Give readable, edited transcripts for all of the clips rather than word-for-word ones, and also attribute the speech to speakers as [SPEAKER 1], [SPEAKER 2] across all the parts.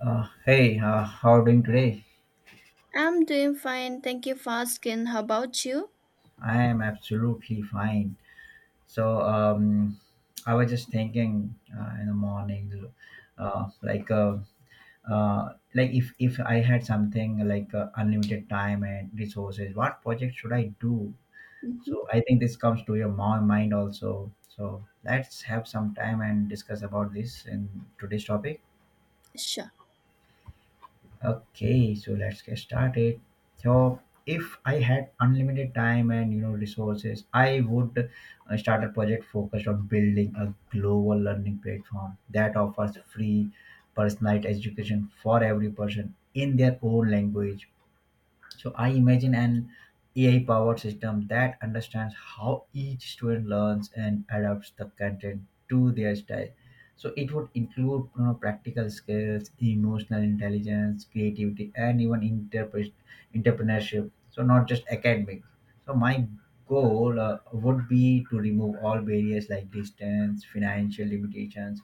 [SPEAKER 1] Hey, how are you doing today?
[SPEAKER 2] I'm doing fine. Thank you for asking. How about you?
[SPEAKER 1] I am absolutely fine. So, I was just thinking in the morning, uh, like, uh, like if I had something like unlimited time and resources, what project should I do?
[SPEAKER 2] hmm
[SPEAKER 1] So, I think this comes to your mind also. So, let's have some time and discuss about this in today's topic.
[SPEAKER 2] Sure.
[SPEAKER 1] Okay, so let's get started. So, if I had unlimited time and resources, I would start a project focused on building a global learning platform that offers free personalized education for every person in their own language. So I imagine an AI powered system that understands how each student learns and adapts the content to their style. So it would include practical skills, emotional intelligence, creativity, and even entrepreneurship. So not just academic. So my goal would be to remove all barriers like distance, financial limitations,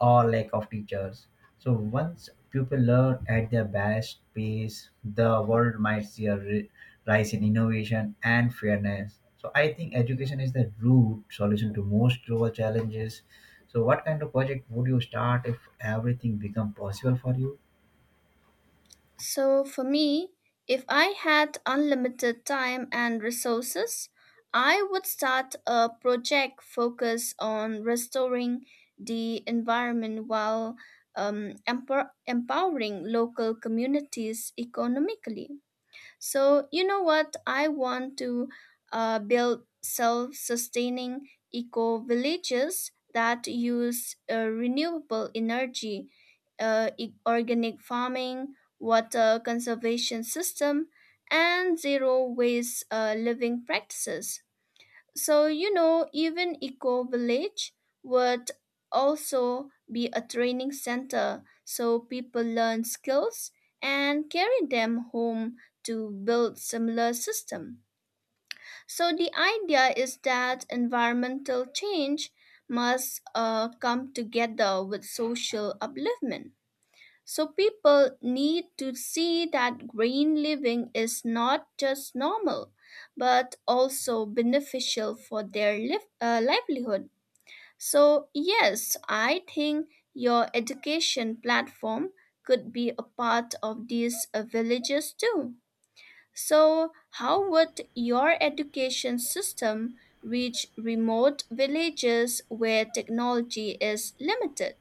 [SPEAKER 1] or lack of teachers. So once people learn at their best pace, the world might see a rise in innovation and fairness. So I think education is the root solution to most global challenges. So what kind of project would you start if everything become possible for you?
[SPEAKER 2] So, for me, if I had unlimited time and resources, I would start a project focused on restoring the environment while empowering local communities economically. So, you know what? I want to build self sustaining eco villages that use renewable energy, organic farming, water conservation system, and zero waste living practices. So, you know, even Eco Village would also be a training center so people learn skills and carry them home to build similar system. So the idea is that environmental change must come together with social upliftment. So people need to see that green living is not just normal, but also beneficial for their livelihood. So, yes, I think your education platform could be a part of these villages too. So, how would your education system reach remote villages where technology is limited?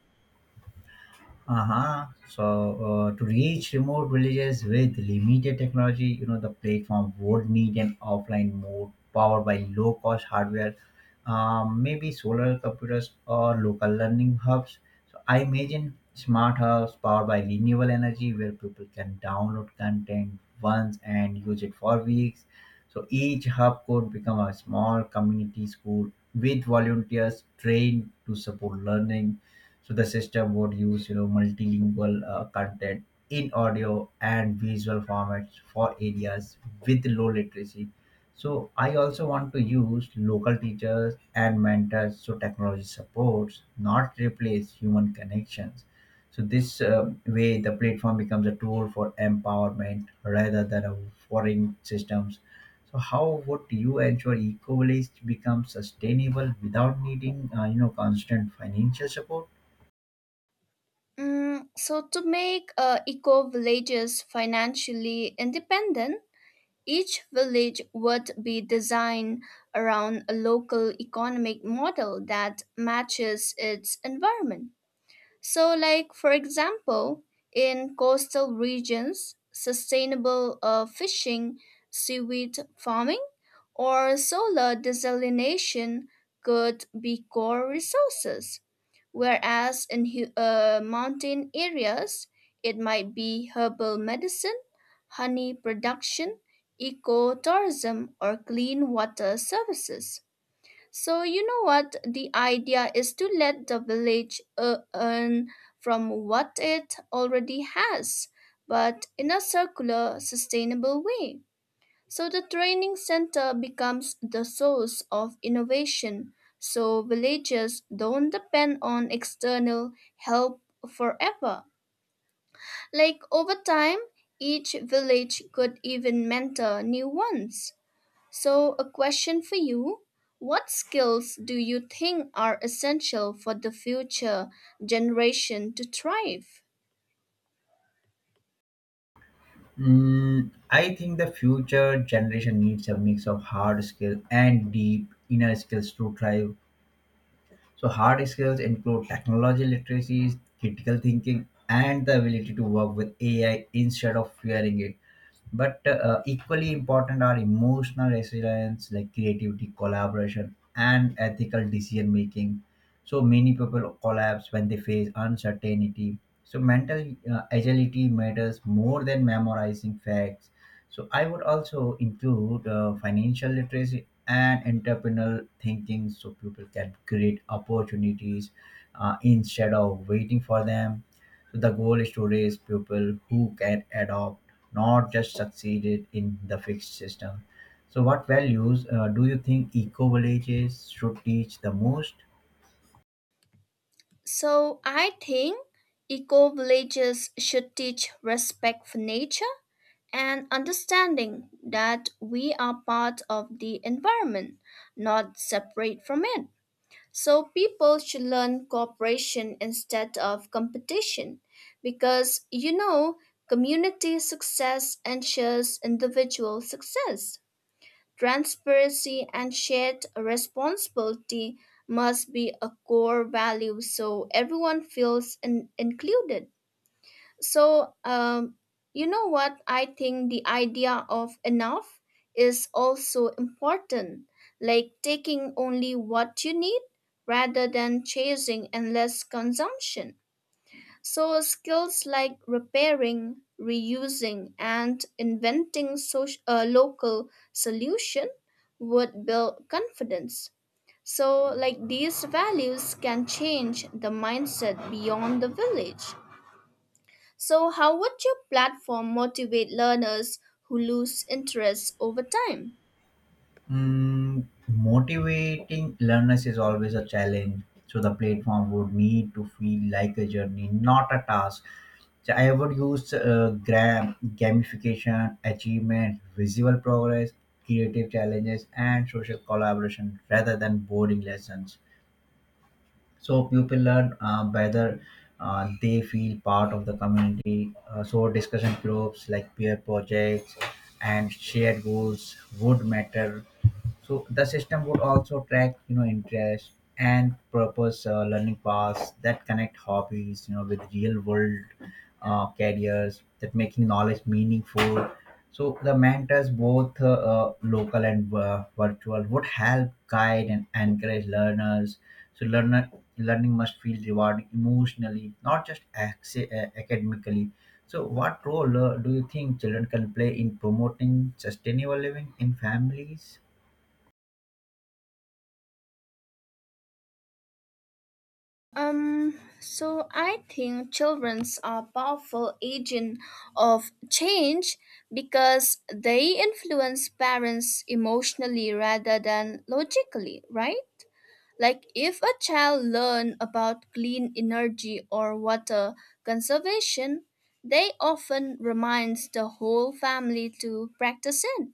[SPEAKER 1] Uh-huh. So, to reach remote villages with limited technology, the platform would need an offline mode powered by low-cost hardware, maybe solar computers or local learning hubs. So, I imagine smart hubs powered by renewable energy where people can download content once and use it for weeks. So, each hub could become a small community school with volunteers trained to support learning. So the system would use multilingual content in audio and visual formats for areas with low literacy. So I also want to use local teachers and mentors so technology supports, not replace human connections. So this way, the platform becomes a tool for empowerment rather than a foreign systems. So how would you ensure eco-village becomes sustainable without needing, constant financial support?
[SPEAKER 2] Mm, so, to make eco villages financially independent, each village would be designed around a local economic model that matches its environment. So, like for example, in coastal regions, sustainable fishing, seaweed farming, or solar desalination could be core resources. Whereas in mountain areas, it might be herbal medicine, honey production, ecotourism, or clean water services. So, you know what? The idea is to let the village earn from what it already has, but in a circular, sustainable way. So the training center becomes the source of innovation, so villages don't depend on external help forever. Like over time, each village could even mentor new ones. So, a question for you. What skills do you think are essential for the future generation to thrive?
[SPEAKER 1] Mm, I think the future generation needs a mix of hard skills and deep inner skills to thrive. So hard skills include technology literacies, critical thinking, and the ability to work with AI instead of fearing it. But equally important are emotional resilience, like creativity, collaboration, and ethical decision making. So many people collapse when they face uncertainty. So mental agility matters more than memorizing facts. So I would also include financial literacy and entrepreneurial thinking so people can create opportunities instead of waiting for them. So the goal is to raise people who can adopt, not just succeed in the fixed system. So what values do you think eco-villages should teach the most?
[SPEAKER 2] So, I think eco villages should teach respect for nature and understanding that we are part of the environment, not separate from it. So people should learn cooperation instead of competition because you know community success ensures individual success. Transparency and shared responsibility must be a core value so everyone included. So, you know what? I think the idea of enough is also important, like taking only what you need rather than chasing endless consumption. So, skills like repairing, reusing, and inventing local solution would build confidence. So, like these values can change the mindset beyond the village. So, how would your platform motivate learners who lose interest over time?
[SPEAKER 1] Mm, motivating learners is always a challenge. So the platform would need to feel like a journey, not a task. So I would use gamification, achievement, visual progress, creative challenges, and social collaboration rather than boring lessons. So people learn whether they feel part of the community. So discussion groups like peer projects and shared goals would matter. So the system would also track, interest and purpose learning paths that connect hobbies, with real world careers that making knowledge meaningful. So the mentors, both local and virtual, would help guide and encourage learners. So learner learning must feel rewarding emotionally, not just academically. So, what role do you think children can play in promoting sustainable living in families?
[SPEAKER 2] So I think childrens are powerful agent of change because they influence parents emotionally rather than logically, right? Like if a child learn about clean energy or water conservation, they often reminds the whole family to practice it.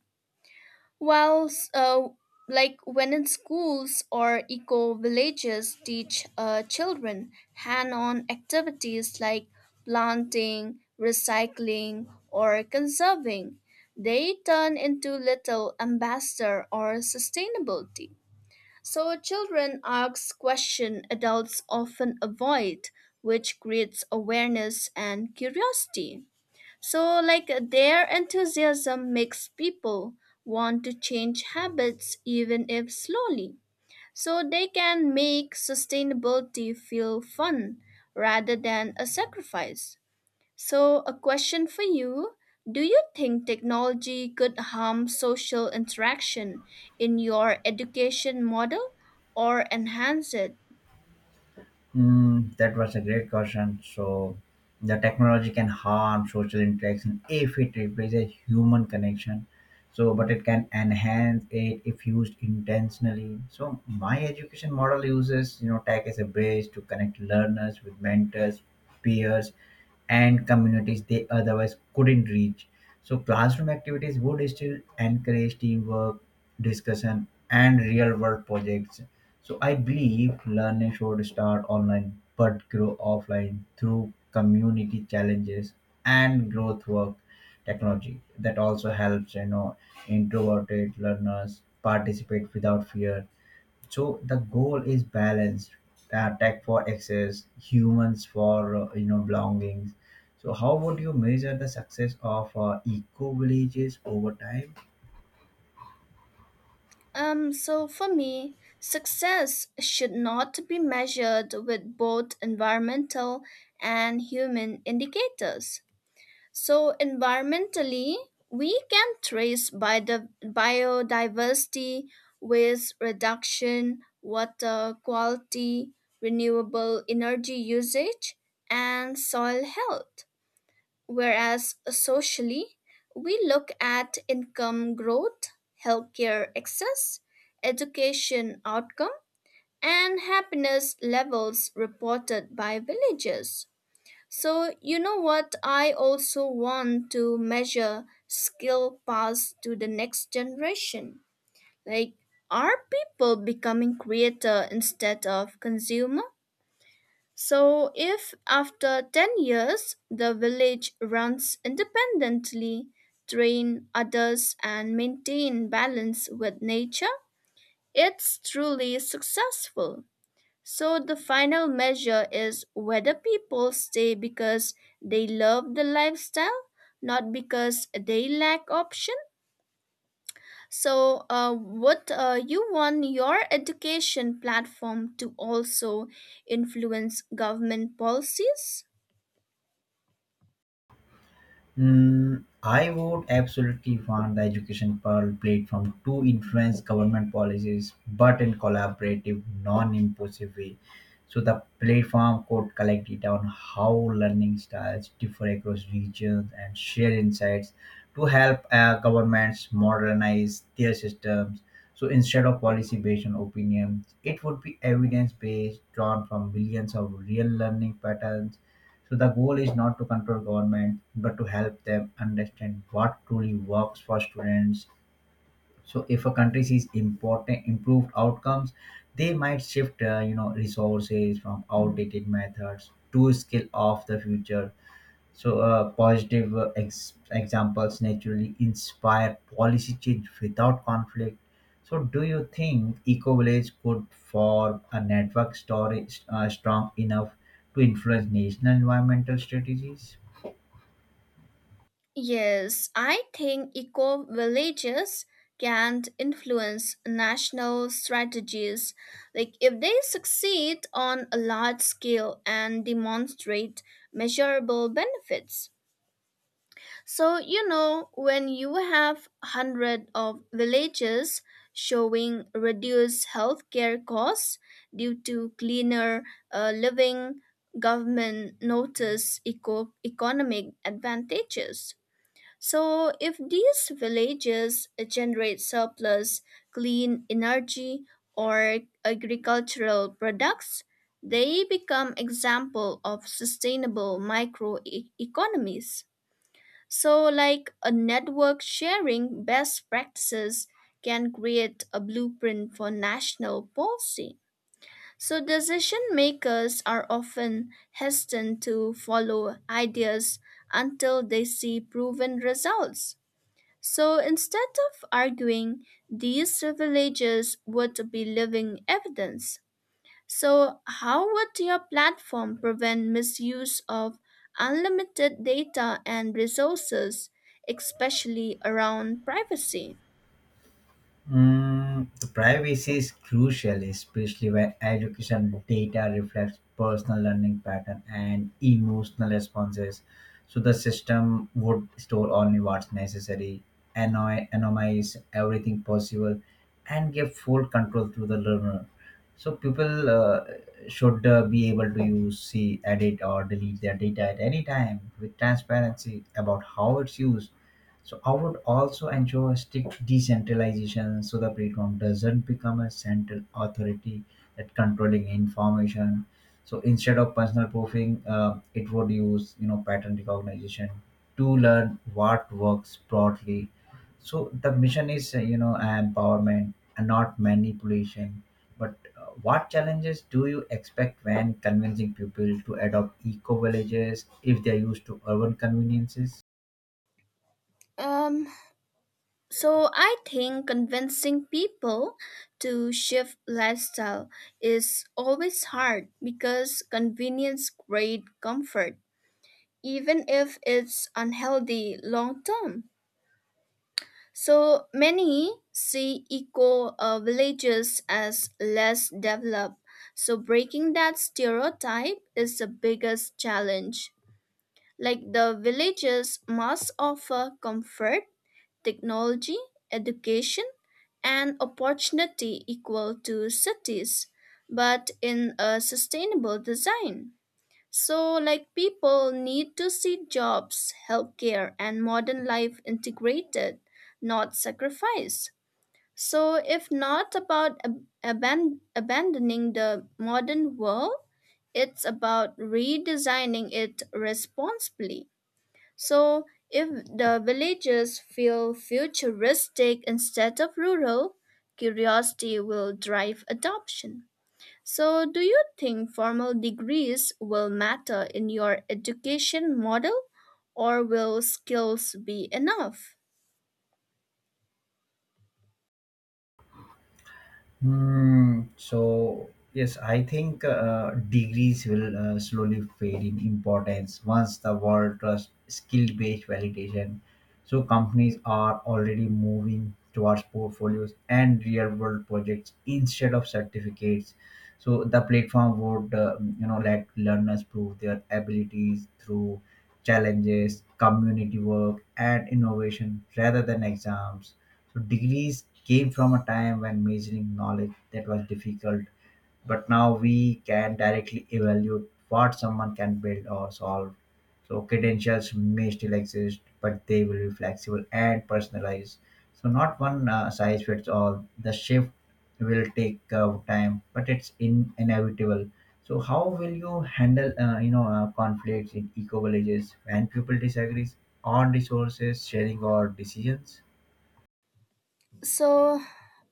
[SPEAKER 2] While, uh, like when in schools or eco villages teach children hand on activities like planting, recycling, or conserving, they turn into little ambassador or sustainability. So children ask questions adults often avoid, which creates awareness and curiosity. So, like, their enthusiasm makes people want to change habits even if slowly. So, they can make sustainability feel fun rather than a sacrifice. So, a question for you. Do you think technology could harm social interaction in your education model or enhance it?
[SPEAKER 1] Mm, that was a great question. So, the technology can harm social interaction if it replaces human connection. So, but it can enhance it if used intentionally. So, my education model uses tech as a bridge to connect learners with mentors, peers, and communities they otherwise couldn't reach. So, classroom activities would still encourage teamwork, discussion, and real world projects. So I believe learning should start online but grow offline through community challenges and growth work technology that also helps introverted learners participate without fear. So the goal is balance, tech for access humans for belongings. So how would you measure the success of eco villages over time?
[SPEAKER 2] So for me, success should not be measured with both environmental and human indicators. So environmentally, we can trace by the biodiversity, waste reduction, water quality, renewable energy usage, and soil health. Whereas socially, we look at income growth, healthcare access, education outcome, and happiness levels reported by villages. So, you know what? I also want to measure skill passed to the next generation. Like, are people becoming creator instead of consumer? So, if after 10 years the village runs independently, train others, and maintain balance with nature, it's truly successful. So, the final measure is whether people stay because they love the lifestyle, not because they lack option. So, would you want your education platform to also influence government policies?
[SPEAKER 1] Mm, I would absolutely want the education platform to influence government policies, but in collaborative, non-impositive way. So the platform could collect data on how learning styles differ across regions and share insights to help governments modernize their systems. So instead of policy-based on opinions, it would be evidence-based, drawn from millions of real learning patterns. So the goal is not to control government, but to help them understand what truly works for students. So if a country sees important improved outcomes, they might shift, resources from outdated methods to skill of the future. So, positive examples naturally inspire policy change without conflict. So, do you think eco village could form a network story strong enough to influence national environmental strategies?
[SPEAKER 2] Yes, I think eco villages can influence national strategies. Like, if they succeed on a large scale and demonstrate measurable benefits. So, you know, when you have hundred of villages showing reduced healthcare costs due to cleaner living, government notice economic advantages. So, if these villages generate surplus clean energy or agricultural products, they become example of sustainable microeconomies. So, like a network sharing best practices can create a blueprint for national policy. So, decision makers are often hesitant to follow ideas until they see proven results. So instead of arguing, these revelations would be living evidence. So, how would your platform prevent misuse of unlimited data and resources, especially around privacy?
[SPEAKER 1] Mm, the privacy is crucial, especially when education data reflects personal learning pattern and emotional responses. So the system would store only what's necessary, anonymize everything possible, and give full control to the learner. So people should be able to use, see, edit, or delete their data at any time with transparency about how it's used. So I would also ensure strict decentralization so the platform doesn't become a central authority that controlling information. So instead of personal proofing, it would use pattern recognition to learn what works broadly. So the mission is empowerment and not manipulation. But what challenges do you expect when convincing people to adopt eco villages if they are used to urban conveniences?
[SPEAKER 2] Um, so, I think convincing people to shift lifestyle is always hard because convenience creates comfort, even if it's unhealthy long term. So many see eco villages as less developed. So breaking that stereotype is the biggest challenge. Like the villages must offer comfort, technology, education, and opportunity equal to cities, but in a sustainable design. So, like people need to see jobs, healthcare, and modern life integrated, not sacrificed. So, if not about abandoning the modern world, it's about redesigning it responsibly. So, if the villages feel futuristic instead of rural, curiosity will drive adoption. So, do you think formal degrees will matter in your education model or will skills be enough?
[SPEAKER 1] Hmm. So yes, I think degrees will slowly fade in importance once the world trusts skill-based validation. So companies are already moving towards portfolios and real-world projects instead of certificates. So the platform would, let learners prove their abilities through challenges, community work, and innovation rather than exams. So degrees came from a time when measuring knowledge that was difficult, but now we can directly evaluate what someone can build or solve. So credentials may still exist, but they will be flexible and personalized. So not one size fits all. The shift will take time, but it's inevitable. So how will you handle conflicts in eco villages when people disagrees on resources sharing or decisions?
[SPEAKER 2] So,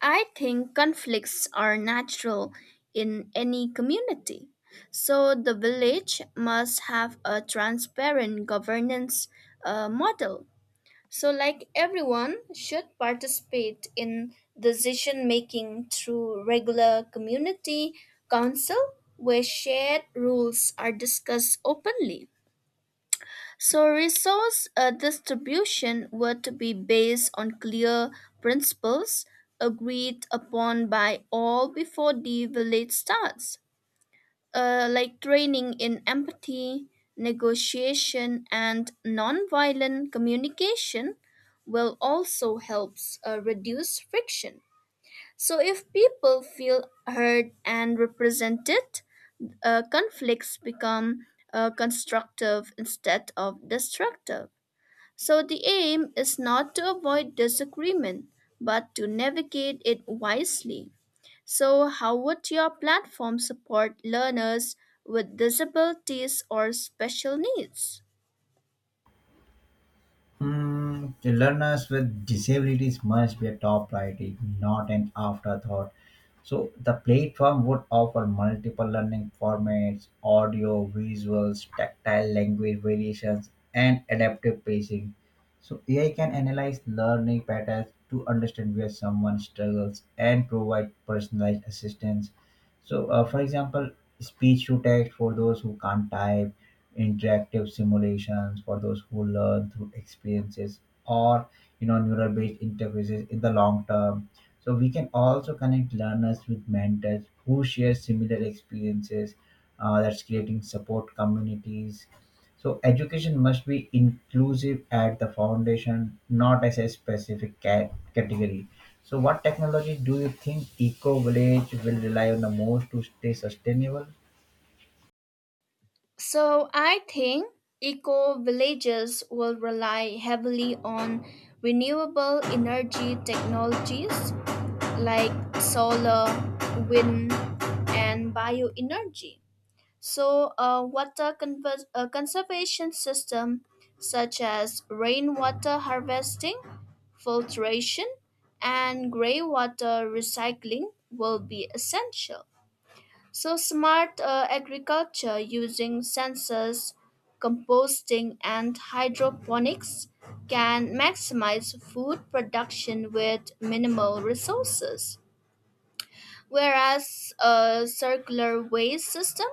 [SPEAKER 2] I think conflicts are natural in any community. So, the village must have a transparent governance model. So, like everyone, should participate in decision making through regular community council where shared rules are discussed openly. So, resource distribution were to be based on clear principles agreed upon by all before the village starts. Like training in empathy, negotiation, and nonviolent communication will also help reduce friction. So, if people feel heard and represented, conflicts become constructive instead of destructive. So the aim is not to avoid disagreement, but to navigate it wisely. So, how would your platform support learners with disabilities or special needs?
[SPEAKER 1] Mm, the learners with disabilities must be a top priority, not an afterthought. So the platform would offer multiple learning formats, audio, visuals, tactile language variations, and adaptive pacing. So AI can analyze learning patterns to understand where someone struggles and provide personalized assistance. So, for example, speech to text for those who can't type, interactive simulations for those who learn through experiences or neural based interfaces in the long term. So we can also connect learners with mentors who share similar experiences, that's creating support communities. So education must be inclusive at the foundation, not as a specific category. So what technology do you think eco village will rely on the most to stay sustainable?
[SPEAKER 2] So, I think eco villages will rely heavily on renewable energy technologies like solar, wind, and bioenergy. So, water conservation system such as rainwater harvesting, filtration, and greywater recycling will be essential. So, smart agriculture using sensors, composting, and hydroponics can maximize food production with minimal resources. Whereas a circular waste system,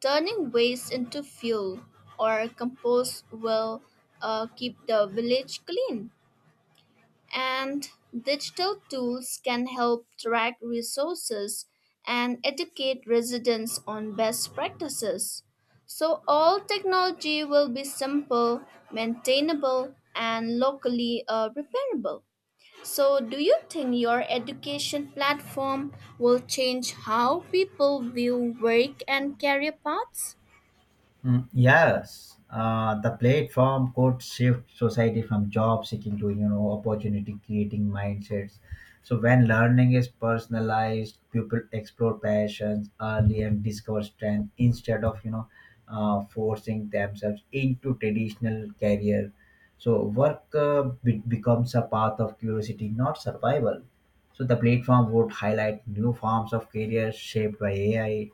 [SPEAKER 2] turning waste into fuel or compost will keep the village clean. And digital tools can help track resources and educate residents on best practices. So, all technology will be simple, maintainable, and locally repairable. So, do you think your education platform will change how people view work and career paths?
[SPEAKER 1] Mm, yes, the platform could shift society from job seeking to opportunity creating mindsets. So when learning is personalized, people explore passions early and discover strength instead of forcing themselves into traditional career. So work becomes a path of curiosity, not survival. So the platform would highlight new forms of careers shaped by AI,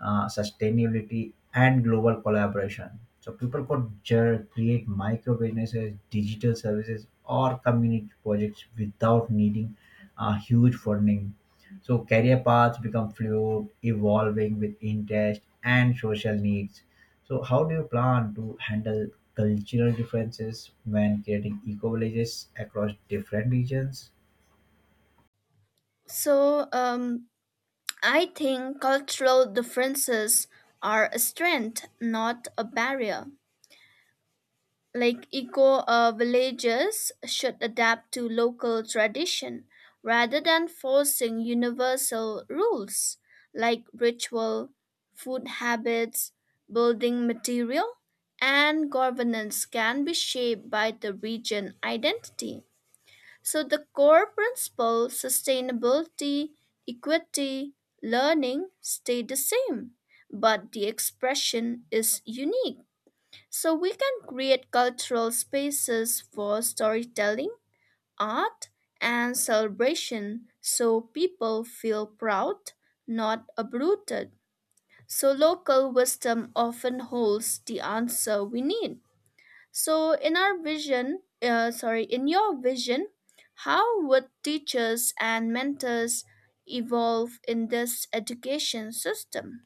[SPEAKER 1] sustainability, and global collaboration. So people could create micro businesses, digital services, or community projects without needing huge funding. So career paths become fluid, evolving with interest and social needs. So how do you plan to handle cultural differences when creating eco villages across different regions?
[SPEAKER 2] So, I think cultural differences are a strength, not a barrier. Like eco villages should adapt to local tradition rather than forcing universal rules, like ritual, food habits, building material, and governance can be shaped by the region identity. So the core principle sustainability, equity, learning stay the same, but the expression is unique. So we can create cultural spaces for storytelling, art, and celebration so people feel proud, not uprooted. So local wisdom often holds the answer we need. So in our vision, sorry, in your vision, how would teachers and mentors evolve in this education system?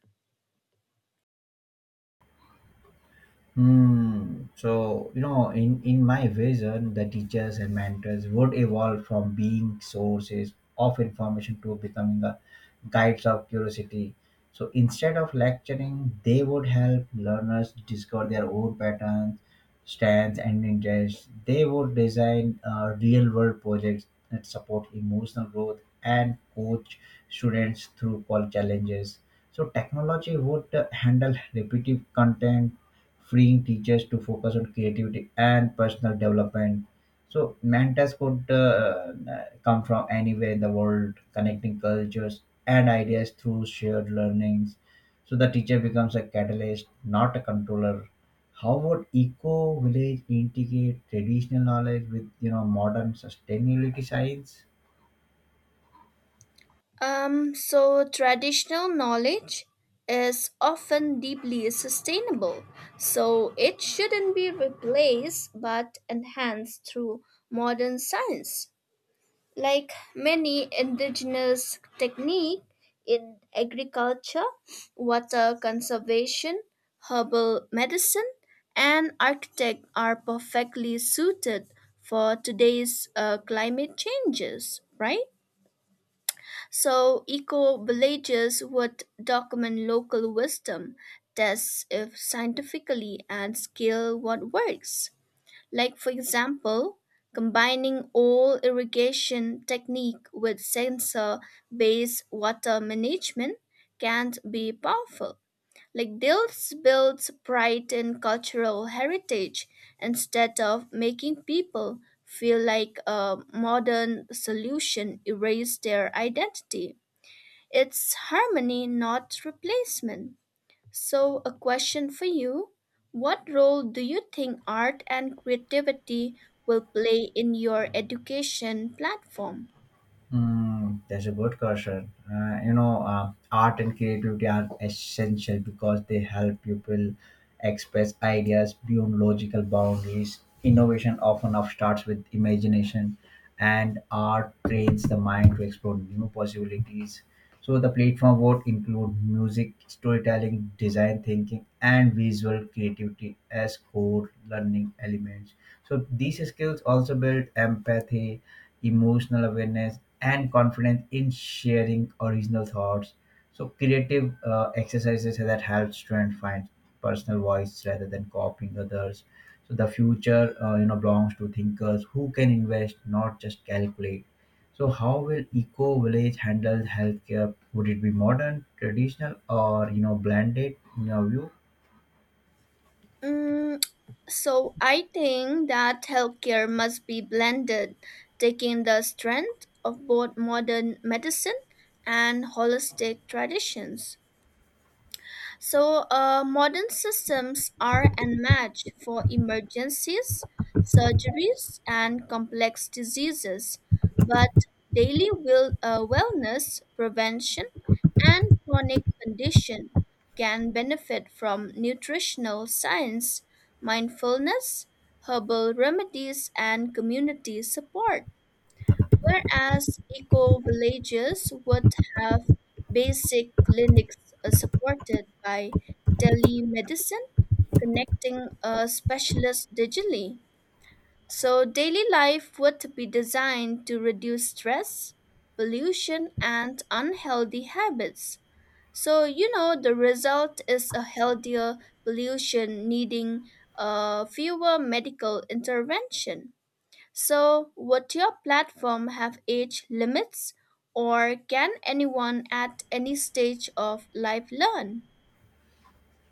[SPEAKER 1] Hmm. So, you know, in my vision, the teachers and mentors would evolve from being sources of information to becoming the guides of curiosity. So, instead of lecturing, they would help learners discover their own patterns, strengths, and interests. They would design real world projects that support emotional growth and coach students through all challenges. So, technology would handle repetitive content, freeing teachers to focus on creativity and personal development. So mentors could come from anywhere in the world, connecting cultures and ideas through shared learnings. So the teacher becomes a catalyst, not a controller. How would eco village integrate traditional knowledge with modern sustainability science?
[SPEAKER 2] So traditional knowledge is often deeply sustainable, so it shouldn't be replaced but enhanced through modern science. Like many indigenous technique in agriculture, water conservation, herbal medicine, and architect are perfectly suited for today's climate changes, right? So eco villages would document local wisdom, test if scientifically and scale what works. Like for example, combining old irrigation technique with sensor-based water management can be powerful. Like this builds pride in cultural heritage instead of making people feel like a modern solution erased their identity. It's harmony, not replacement. So, a question for you. What role do you think art and creativity will play in your education platform?
[SPEAKER 1] Mm, that's a good question. Art and creativity are essential because they help people express ideas beyond logical boundaries. Innovation often up starts with imagination, and art trains the mind to explore new possibilities. So, the platform would include music, storytelling, design thinking, and visual creativity as core learning elements. So, these skills also build empathy, emotional awareness, and confidence in sharing original thoughts. So creative exercises that helps to find personal voice rather than copying others. So the future belongs to thinkers who can invest, not just calculate. So how will eco village handle healthcare? Would it be modern, traditional, or blended in your view?
[SPEAKER 2] Mm, so, I think that healthcare must be blended, taking the strength of both modern medicine and holistic traditions. So, modern systems are unmatched for emergencies, surgeries, and complex diseases, but daily wellness, prevention, and chronic condition can benefit from nutritional science, mindfulness, herbal remedies, and community support. Whereas eco villages would have basic clinics supported by telemedicine, connecting specialists digitally. So, daily life would be designed to reduce stress, pollution, and unhealthy habits. So, you know, the result is a healthier pollution needing fewer medical intervention. So, would your platform have age limits, or can anyone at any stage of life learn?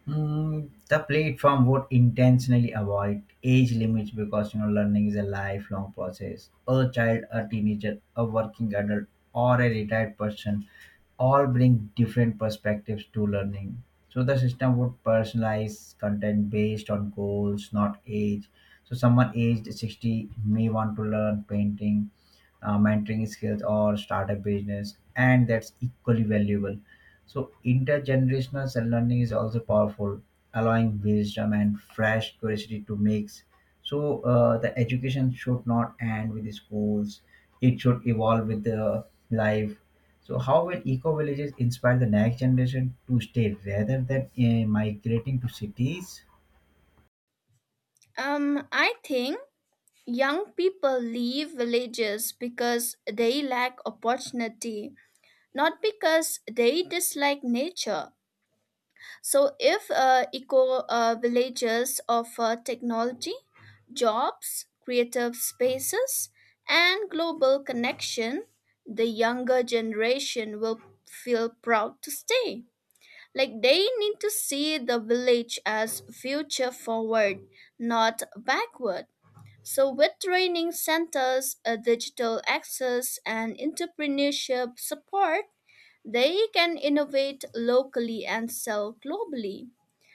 [SPEAKER 1] Mm, the platform would intentionally avoid age limits because learning is a lifelong process. A child, a teenager, a working adult, or a retired person all bring different perspectives to learning. So the system would personalize content based on goals, not age. So someone aged 60 may want to learn painting, mentoring skills, or start a business, and that's equally valuable. So, intergenerational cell learning is also powerful, allowing wisdom and fresh curiosity to mix. So, the education should not end with the schools, it should evolve with the life. So, how will eco villages inspire the next generation to stay rather than migrating to cities?
[SPEAKER 2] I think young people leave villages because they lack opportunity, not because they dislike nature. So, if eco villages offer technology, jobs, creative spaces, and global connection, the younger generation will feel proud to stay. Like they need to see the village as future forward, not backward. So, with training centers, digital access, and entrepreneurship support, they can innovate locally and sell globally.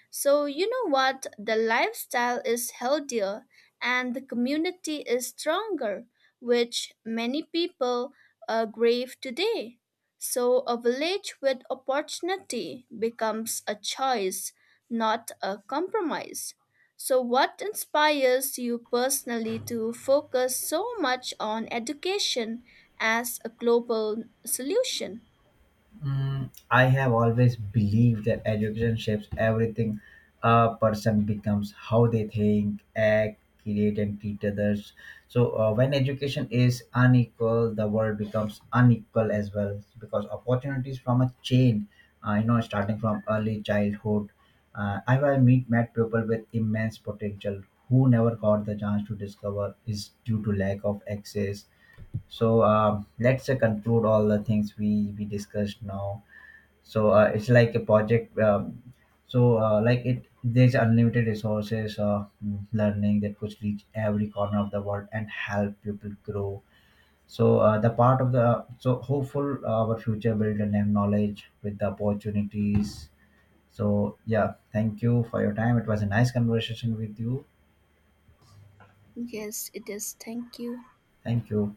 [SPEAKER 2] So, you know what? The lifestyle is healthier and the community is stronger, which many people crave today. So, a village with opportunity becomes a choice, not a compromise. So, what inspires you personally to focus so much on education as a global solution?
[SPEAKER 1] Mm, I have always believed that education shapes everything a person becomes, how they think, act, create, and treat others. So, when education is unequal, the world becomes unequal as well because opportunities from a chain, starting from early childhood. I will meet met people with immense potential who never got the chance to discover is due to lack of access. So let's conclude all the things we discussed now. So it's like a project. So like it there's unlimited resources, learning that could reach every corner of the world and help people grow. So the part of the so hopeful, our future build and knowledge with the opportunities. So yeah, thank you for your time. It was a nice conversation with you.
[SPEAKER 2] Yes, it is. Thank you.
[SPEAKER 1] Thank you.